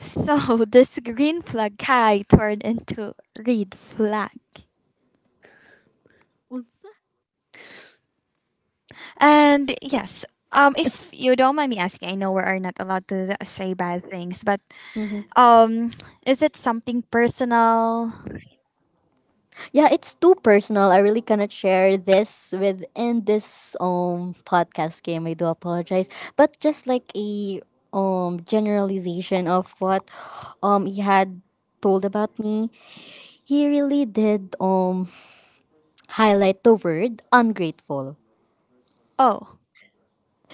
Speaker 1: so this green flag guy turned into red flag. And yes, if you don't mind me asking, I know we are not allowed to say bad things, but,
Speaker 2: Mhm.
Speaker 1: um, is it something personal?
Speaker 2: Yeah, it's too personal. I really cannot share this within this podcast game. I do apologize. But just like a generalization of what he had told about me, he really did highlight the word ungrateful.
Speaker 1: Oh,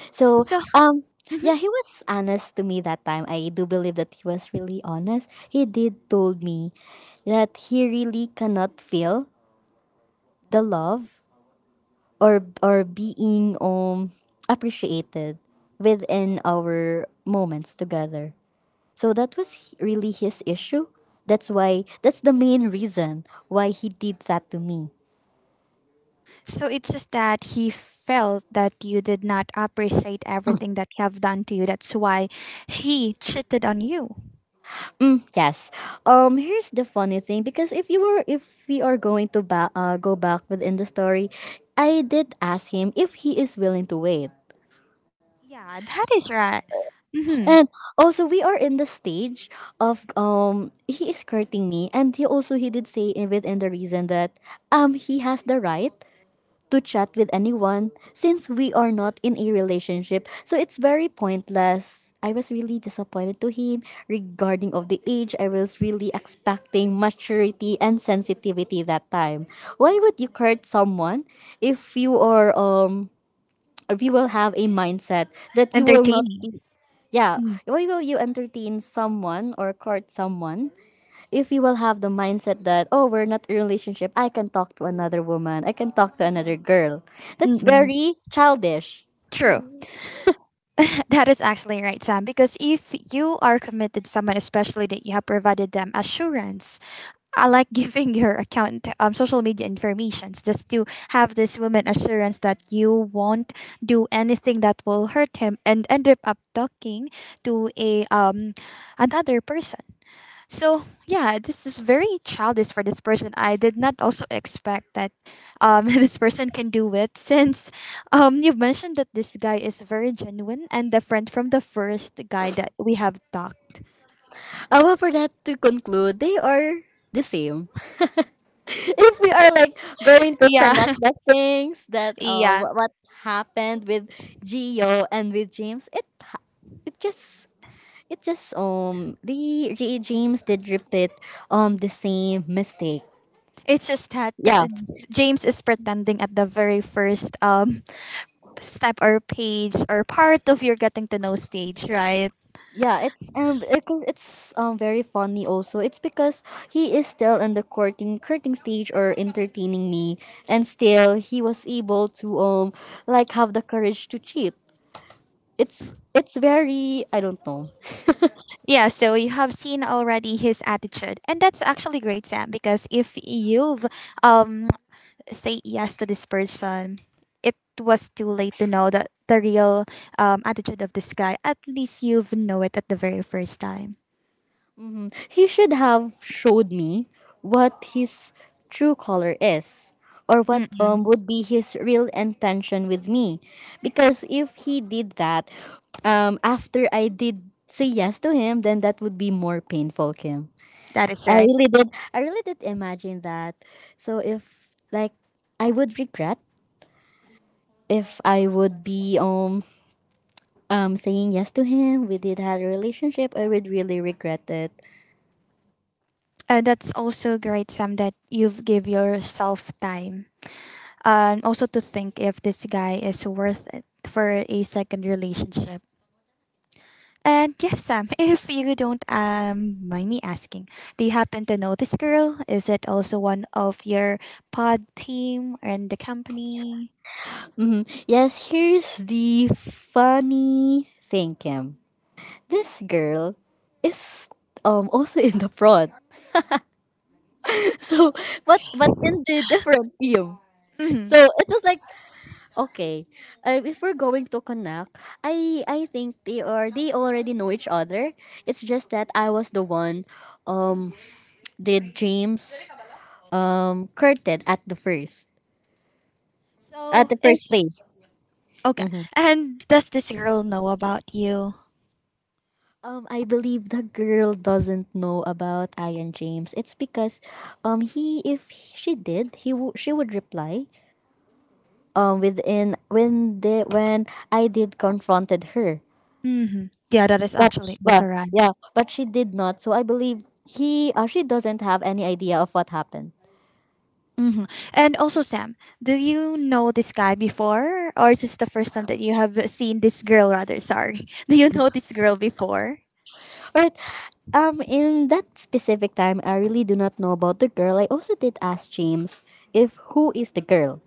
Speaker 2: So
Speaker 1: so
Speaker 2: um
Speaker 1: mm-hmm,
Speaker 2: yeah, he was honest to me that time. I do believe that he was really honest. He did told me that he really cannot feel the love or being appreciated within our moments together. So that was h- really his issue. That's why that's the main reason why he did that to me.
Speaker 1: so it's just that he felt that you did not appreciate everything that he have done to you. That's why he cheated on you.
Speaker 2: Mm, yes. Here's the funny thing because if you were if we are going to go back within the story, I did ask him if he is willing to wait.
Speaker 1: Yeah, that is right. Mm-hmm.
Speaker 2: And also we are in the stage of he is courting me, and he did say within the reason that he has the right to chat with anyone since we are not in a relationship. So it's very pointless. I was really disappointed to him regarding of the age. I was really expecting maturity and sensitivity that time. Why would you court someone if you are if you will have a mindset that you will not
Speaker 1: Entertaining.
Speaker 2: be yeah,
Speaker 1: Mm.
Speaker 2: why will you entertain someone or court someone if you will have the mindset that, oh, we're not in a relationship, I can talk to another woman, I can talk to another girl? That's
Speaker 1: Mm-mm.
Speaker 2: very childish.
Speaker 1: True. That is actually right, Sam. Because if you are committed someone, especially that you have provided them assurance I like giving your account, social media informations just to have this woman assurance that you won't do anything that will hurt him and end up talking to a another person. So yeah, this is very childish for this person. I did not also expect that this person can do it since you mentioned that this guy is very genuine and different from the first guy that we have talked.
Speaker 2: Well, for that to conclude, they are the same. if we are like going to
Speaker 1: Yeah,
Speaker 2: connect the things that
Speaker 1: yeah.
Speaker 2: what happened with Gio and with James, it just it just the James did repeat the same mistake.
Speaker 1: It's just that
Speaker 2: Yeah,
Speaker 1: James is pretending at the very first step or page or part of your getting to know stage, right?
Speaker 2: yeah, it's because it's very funny also, it's because he is still in the courting stage or entertaining me, and still he was able to like have the courage to cheat. It's very I don't know.
Speaker 1: Yeah, so you have seen already his attitude. And that's actually great, Sam, because if you've um say yes to this person, it was too late to know that the real, attitude of this guy. At least you've know it at the very first time.
Speaker 2: He should have showed me what his true color is or what
Speaker 1: Mm-mm,
Speaker 2: would be his real intention with me because if he did that after I did say yes to him, then that would be more painful, Kim.
Speaker 1: that is
Speaker 2: I
Speaker 1: right.
Speaker 2: really did. I really did imagine that. So if like I would regret if I would be saying yes to him, we did had a relationship. I would really regret it.
Speaker 1: That's also great, Sam, that you've give yourself time and also to think if this guy is worth it for a second relationship. And yes, Sam, if you don't, mind me asking, do you happen to know this girl? Is it also one of your pod team and the company?
Speaker 2: Hmm. Yes, here's the funny thing, Kim. This girl is also in the front. So but in the different team.
Speaker 1: Hmm.
Speaker 2: So it was like okay. Uh, if we're going to connect, I think they are they already know each other. It's just that I was the one um did James curtain at
Speaker 1: So
Speaker 2: the first
Speaker 1: is
Speaker 2: place.
Speaker 1: okay.
Speaker 2: Hmm.
Speaker 1: And does this girl know about you?
Speaker 2: I believe the girl doesn't know about Ian James. It's because he if she did she would reply within when the when I did confronted her.
Speaker 1: Hmm. Yeah, that is actually
Speaker 2: That's
Speaker 1: also
Speaker 2: well,
Speaker 1: right.
Speaker 2: yeah, but she did not. So I believe he she doesn't have any idea of what happened.
Speaker 1: Hmm. And also, Sam, do you know this guy before, or is this the first time that you have seen this girl? Rather, sorry, do you know this girl before?
Speaker 2: Right. In that specific time, I really do not know about the girl. I also did ask James if who is the girl,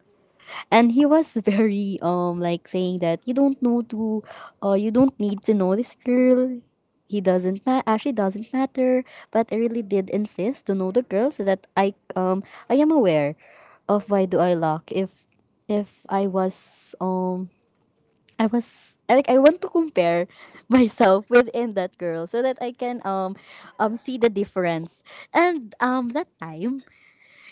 Speaker 2: and he was very like saying that you don't need to know this girl, he doesn't ma- actually doesn't matter. But I really did insist to know the girl so that I I am aware of why do I lock if I was I was I like I want to compare myself within that girl so that I can see the difference. And that time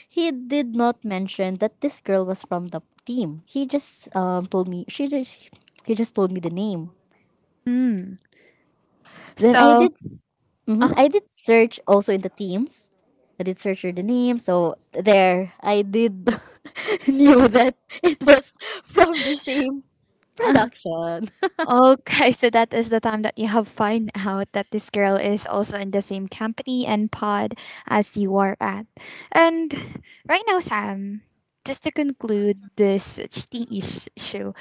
Speaker 2: he did not mention that this girl was from the team. He just told me she just he just told me the name.
Speaker 1: Mm.
Speaker 2: Then I
Speaker 1: So,
Speaker 2: did mm
Speaker 1: uh-huh.
Speaker 2: I did search also in the teams. I did search her the name, so there I did knew that it was from the same production.
Speaker 1: Okay, so that is the time that you have find out that this girl is also in the same company and pod as you are at. And right now, Sam, just to conclude this cheating issue,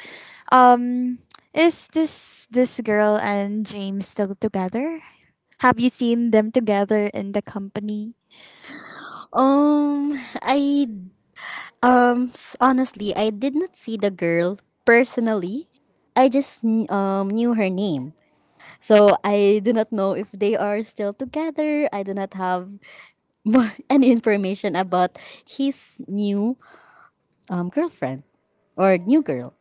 Speaker 1: um, is this girl and James still together? Have you seen them together in the company?
Speaker 2: Um, I Honestly, I did not see the girl personally. I just knew her name. So I do not know if they are still together. I do not have more, any information about his new girlfriend or new girl.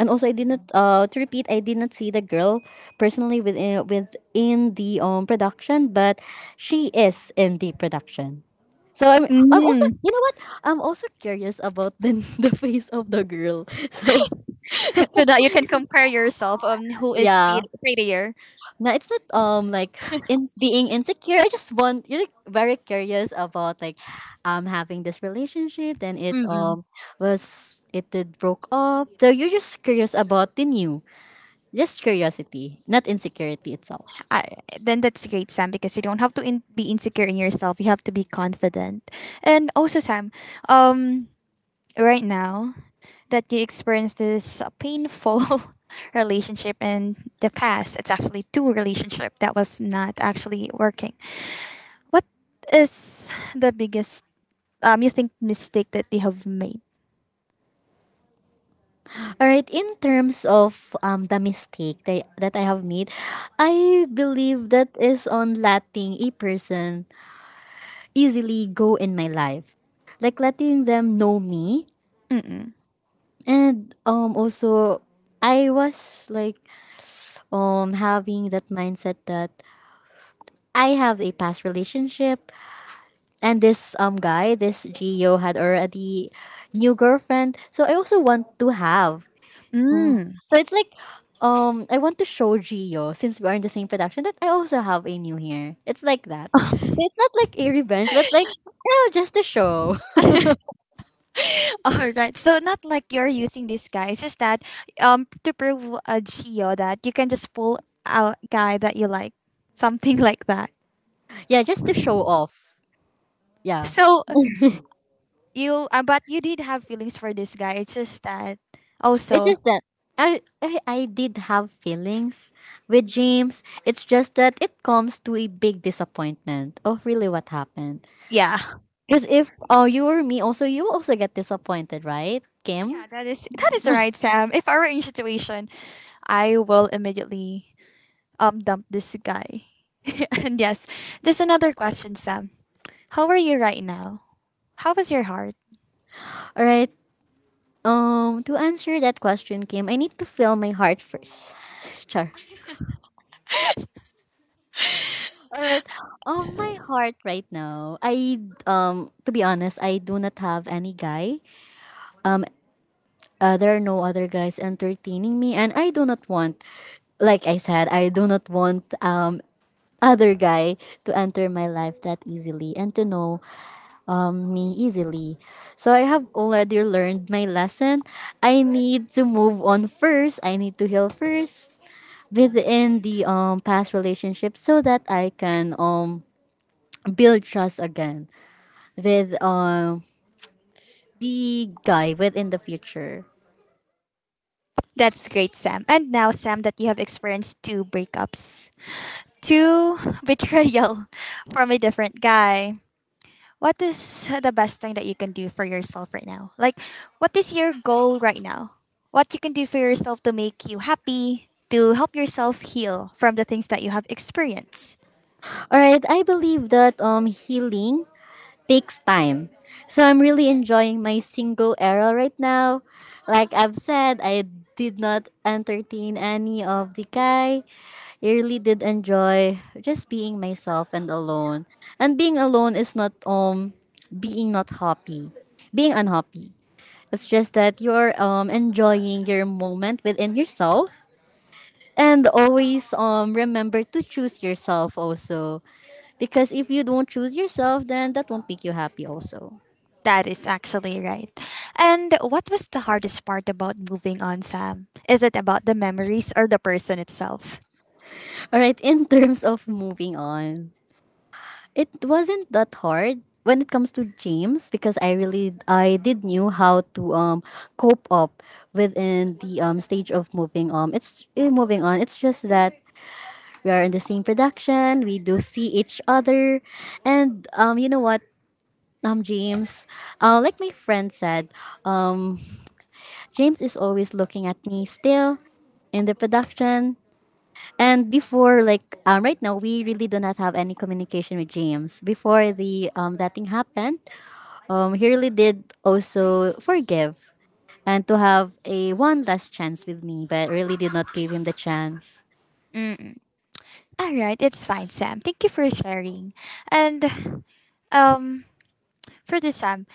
Speaker 2: And also, I did not
Speaker 1: Mm.
Speaker 2: to repeat. I did not see the girl personally within the production, but she is in the production. So I'm also
Speaker 1: Mm.
Speaker 2: you know what I'm also curious about the the face of the girl. So
Speaker 1: So that you can compare yourself on who is
Speaker 2: yeah.
Speaker 1: prettier.
Speaker 2: No, it's not like in being insecure. I just want you're like, very curious about like having this relationship. Then it did broke up. So you're just curious about the new. Just curiosity, not insecurity itself.
Speaker 1: I Then that's great, Sam, because you don't have to be insecure in yourself. You have to be confident. And also, Sam, um, right now that you experienced this painful relationship in the past, it's actually two relationship that was not actually working. What is the biggest you think mistake that they have made?
Speaker 2: All right. In terms of the mistake that I have made, I believe that is on letting a person easily go in my life, like letting them know me.
Speaker 1: Mm-mm.
Speaker 2: And also I was like having that mindset that I have a past relationship, and this guy, this Gio had already new girlfriend. So I also want to have.
Speaker 1: Mm.
Speaker 2: So it's like I want to show Gio, since we are in the same production, that I also have a new hair. It's like that. So it's not like a revenge but like you know, just to show.
Speaker 1: All right. So not like you're using this guy. It's just that to prove a geo that you can just pull a guy that you like, something like that.
Speaker 2: Yeah, just to show off. Yeah.
Speaker 1: So you, but you did have feelings for this guy. It's just that
Speaker 2: It's
Speaker 1: also,
Speaker 2: just that I did have feelings with James. It's just that it comes to a big disappointment of really what happened.
Speaker 1: yeah,
Speaker 2: Because if you or me also, you also get disappointed, right, Kim?
Speaker 1: yeah. That is right, Sam. If I were in situation, I will immediately dump this guy. And yes, just another question, Sam. How are you right now? How is your heart?
Speaker 2: All right. To answer that question, Kim, I need to fill my heart first. Char. All right. My heart right now. I, to be honest, I do not have any guy. There are no other guys entertaining me, and I do not want, like I said, I do not want other guy to enter my life that easily and to know me easily. So I have already learned my lesson. I need to move on first. I need to heal first within the past relationship so that I can build trust again with the guy within the future.
Speaker 1: That's great, Sam. And now, Sam, that you have experienced two breakups, two betrayal from a different guy, what is the best thing that you can do for yourself right now? Like, what is your goal right now? What you can do for yourself to make you happy, to help yourself heal from the things that you have experienced?
Speaker 2: All right, I believe that healing takes time. So I'm really enjoying my single era right now. Like I've said, I did not entertain any of the guy. I really did enjoy just being myself and alone. And being alone is not being not happy. Being unhappy. It's just that you're enjoying your moment within yourself. And always remember to choose yourself also. Because if you don't choose yourself, then that won't make you happy also.
Speaker 1: That is actually right. And what was the hardest part about moving on, Sam? Is it about the memories or the person itself?
Speaker 2: All right, in terms of moving on, it wasn't that hard when it comes to James, because I really I did knew how to cope up within the stage of moving on. It's just that we are in the same production. We do see each other, and you know what, James, like my friend said, um James is always looking at me still in the production. And before, like right now, we really do not have any communication with James. Before the that thing happened, he really did also forgive and to have a one last chance with me, but really did not give him the chance.
Speaker 1: All right, it's fine, Sam. Thank you for sharing. And, um, for this, Sam,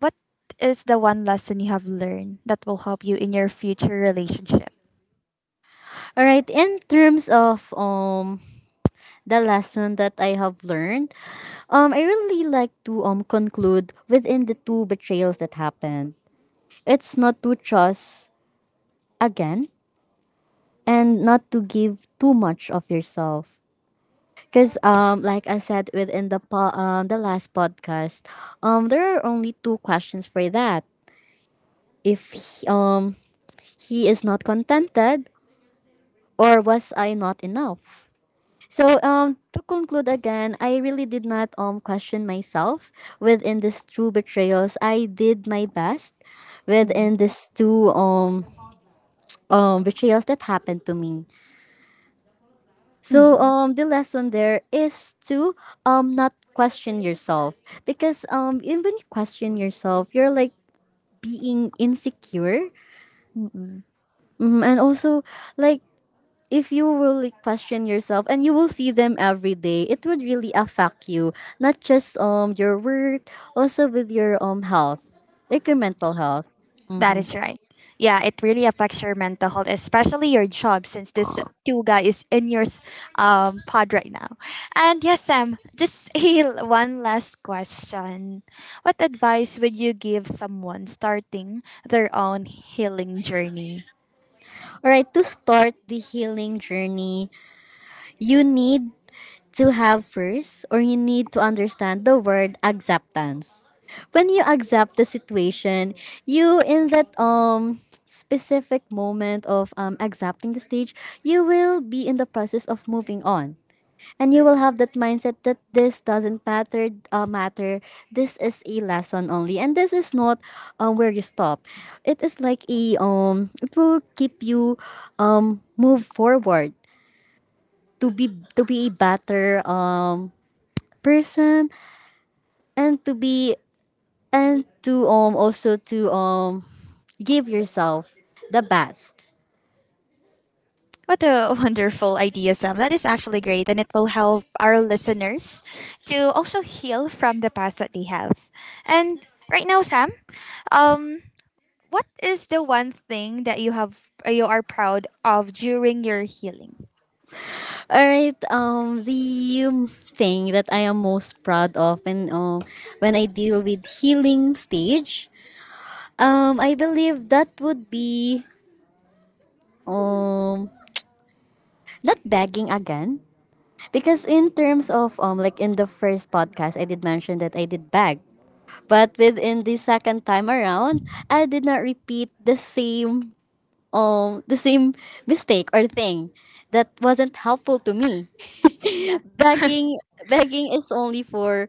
Speaker 1: what is the one lesson you have learned that will help you in your future relationship?
Speaker 2: All right. In terms of the lesson that I have learned, I really like to conclude within the two betrayals that happened. It's not to trust again and not to give too much of yourself. Cause like I said within the the last podcast, there are only two questions for that. If he is not contented, or was I not enough? So to conclude again, I really did not question myself within these two betrayals. I did my best
Speaker 1: Mm.
Speaker 2: within these two betrayals that happened to me. So
Speaker 1: Mm.
Speaker 2: the lesson there is to not question yourself, because even when you question yourself you're like being insecure.
Speaker 1: Mm-mm.
Speaker 2: Mhm, and also, like, if you will like, question yourself and you will see them every day, it would really affect you, not just your work, also with your health, like your mental health.
Speaker 1: That is right. Yeah, it really affects your mental health, especially your job, since this two guy is in your, pod right now. And yes, Sam, just a, one last question. What advice would you give someone starting their own healing journey?
Speaker 2: All right, to start the healing journey, you need to have first, or you need to understand the word acceptance. When you accept the situation, you in that specific moment of accepting the stage, you will be in the process of moving on, and you will have that mindset that this doesn't matter. Matter. This is a lesson only, and this is not where you stop. It is like a. It will keep you move forward to be a better person, and to be, and to also to give yourself the best.
Speaker 1: What a wonderful idea, Sam. That is actually great, and it will help our listeners to also heal from the past that they have. And right now, Sam, um, what is the one thing that you have you are proud of during your healing?
Speaker 2: All right. The thing that I am most proud of, and when I deal with healing stage, I believe that would be um not begging again, because in terms of like in the first podcast I did mention that I did beg, but within the second time around I did not repeat the same um the same mistake or thing that wasn't helpful to me.
Speaker 1: Yeah.
Speaker 2: Begging Begging is only for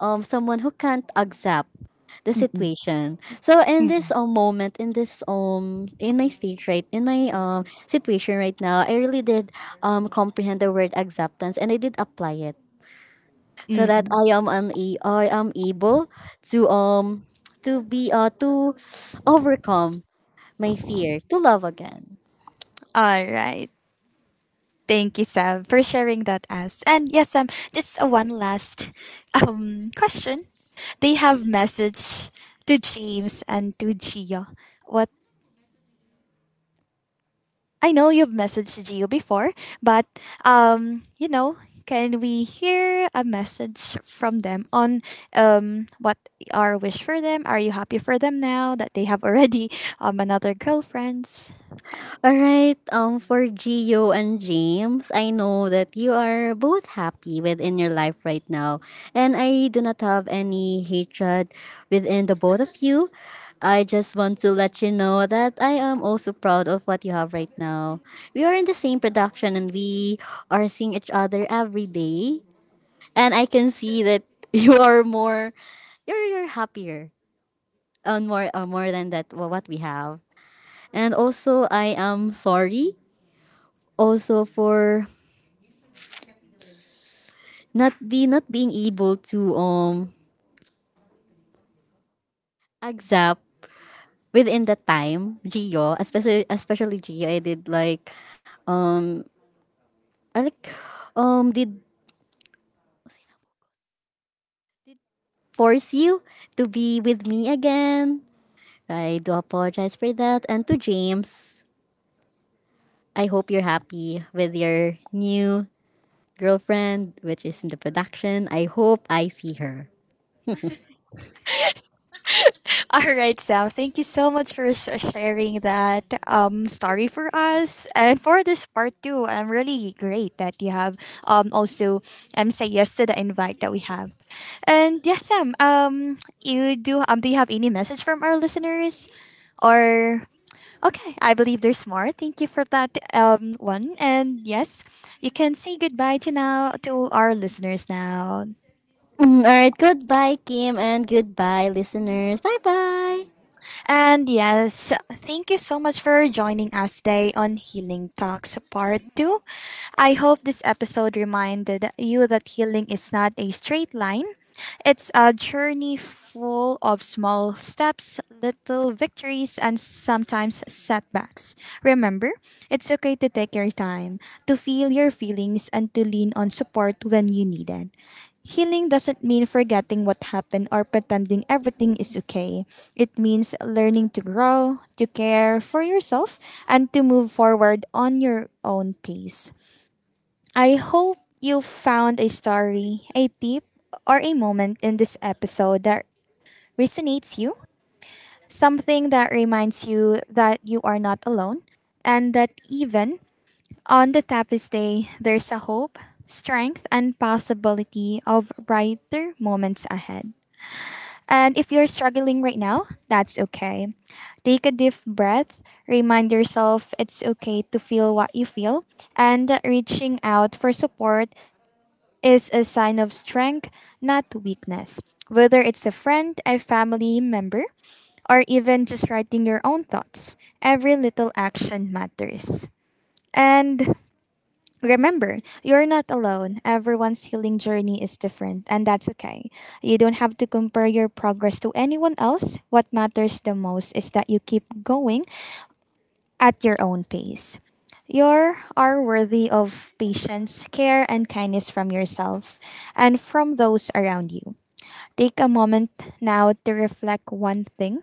Speaker 2: someone who can't accept the
Speaker 1: Mm-mm.
Speaker 2: situation. So in this
Speaker 1: Mm.
Speaker 2: moment, in this in my stage right, in my situation right now, I really did comprehend the word acceptance, and I did apply it so that I am able to um to be to overcome my fear to love again.
Speaker 1: All right. Thank you, Sam, for sharing that us. And yes, Sam, just one last question. They have message to James and to Gia. What, I know you've messaged Gio before, but, you know, can we hear a message from them on what our wish for them? Are you happy for them now that they have already another girlfriends?
Speaker 2: All right. For Gio and James, I know that you are both happy within your life right now, and I do not have any hatred within the both of you. I just want to let you know that I am also proud of what you have right now. We are in the same production, and we are seeing each other every day, and I can see that you are more, you're happier on more more than that what we have. And also, I am sorry also for not the not being able to accept within the time Gio, especially Gio. I did like um I like did force you to be with me again. I do apologize for that. And to James, I hope you're happy with your new girlfriend, which is in the production. I hope I see her.
Speaker 1: All right, Sam. Thank you so much for sharing that story for us and for this part too. I'm really great that you have also say yes to the invite that we have. And yes, Sam. You do do you have any message from our listeners, or okay? I believe there's more. Thank you for that one. And yes, you can say goodbye to now to our listeners now.
Speaker 2: Mm, all right, goodbye Kim, and goodbye listeners, bye bye.
Speaker 1: And yes, thank you so much for joining us today on Healing Talks Part 2. I hope this episode reminded you that healing is not a straight line, it's a journey full of small steps, little victories, and sometimes setbacks. Remember, it's okay to take your time, to feel your feelings, and to lean on support when you need it. Healing doesn't mean forgetting what happened or pretending everything is okay. It means learning to grow, to care for yourself, and to move forward on your own pace. I hope you found a story, a tip, or a moment in this episode that resonates you, something that reminds you that you are not alone, and that even on the toughest day, there's a hope, strength, and possibility of brighter moments ahead. And if you're struggling right now, that's okay. Take a deep breath, remind yourself it's okay to feel what you feel, and reaching out for support is a sign of strength, not weakness. Whether it's a friend, a family member, or even just writing your own thoughts, every little action matters. And remember, you're not alone. Everyone's healing journey is different, and that's okay. You don't have to compare your progress to anyone else. What matters the most is that you keep going at your own pace. You are worthy of patience, care, and kindness from yourself and from those around you. Take a moment now to reflect one thing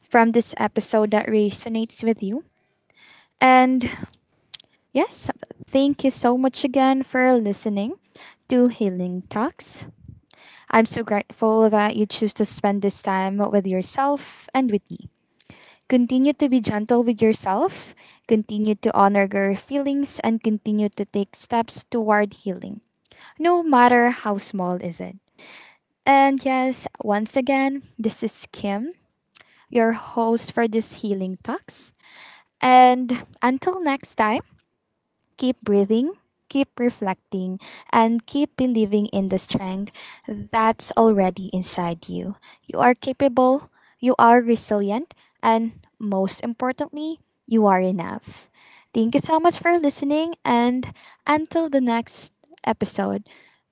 Speaker 1: from this episode that resonates with you. And yes, thank you so much again for listening to Healing Talks. I'm so grateful that you choose to spend this time with yourself and with me. Continue to be gentle with yourself, continue to honor your feelings, and continue to take steps toward healing, no matter how small is it. And yes, once again, this is Kim, your host for this Healing Talks. And until next time, keep breathing, keep reflecting, and keep believing in the strength that's already inside you. You are capable, you are resilient, and most importantly, you are enough. Thank you so much for listening, and until the next episode,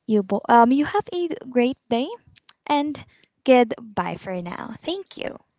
Speaker 1: you you have a great day, and goodbye for now. Thank you.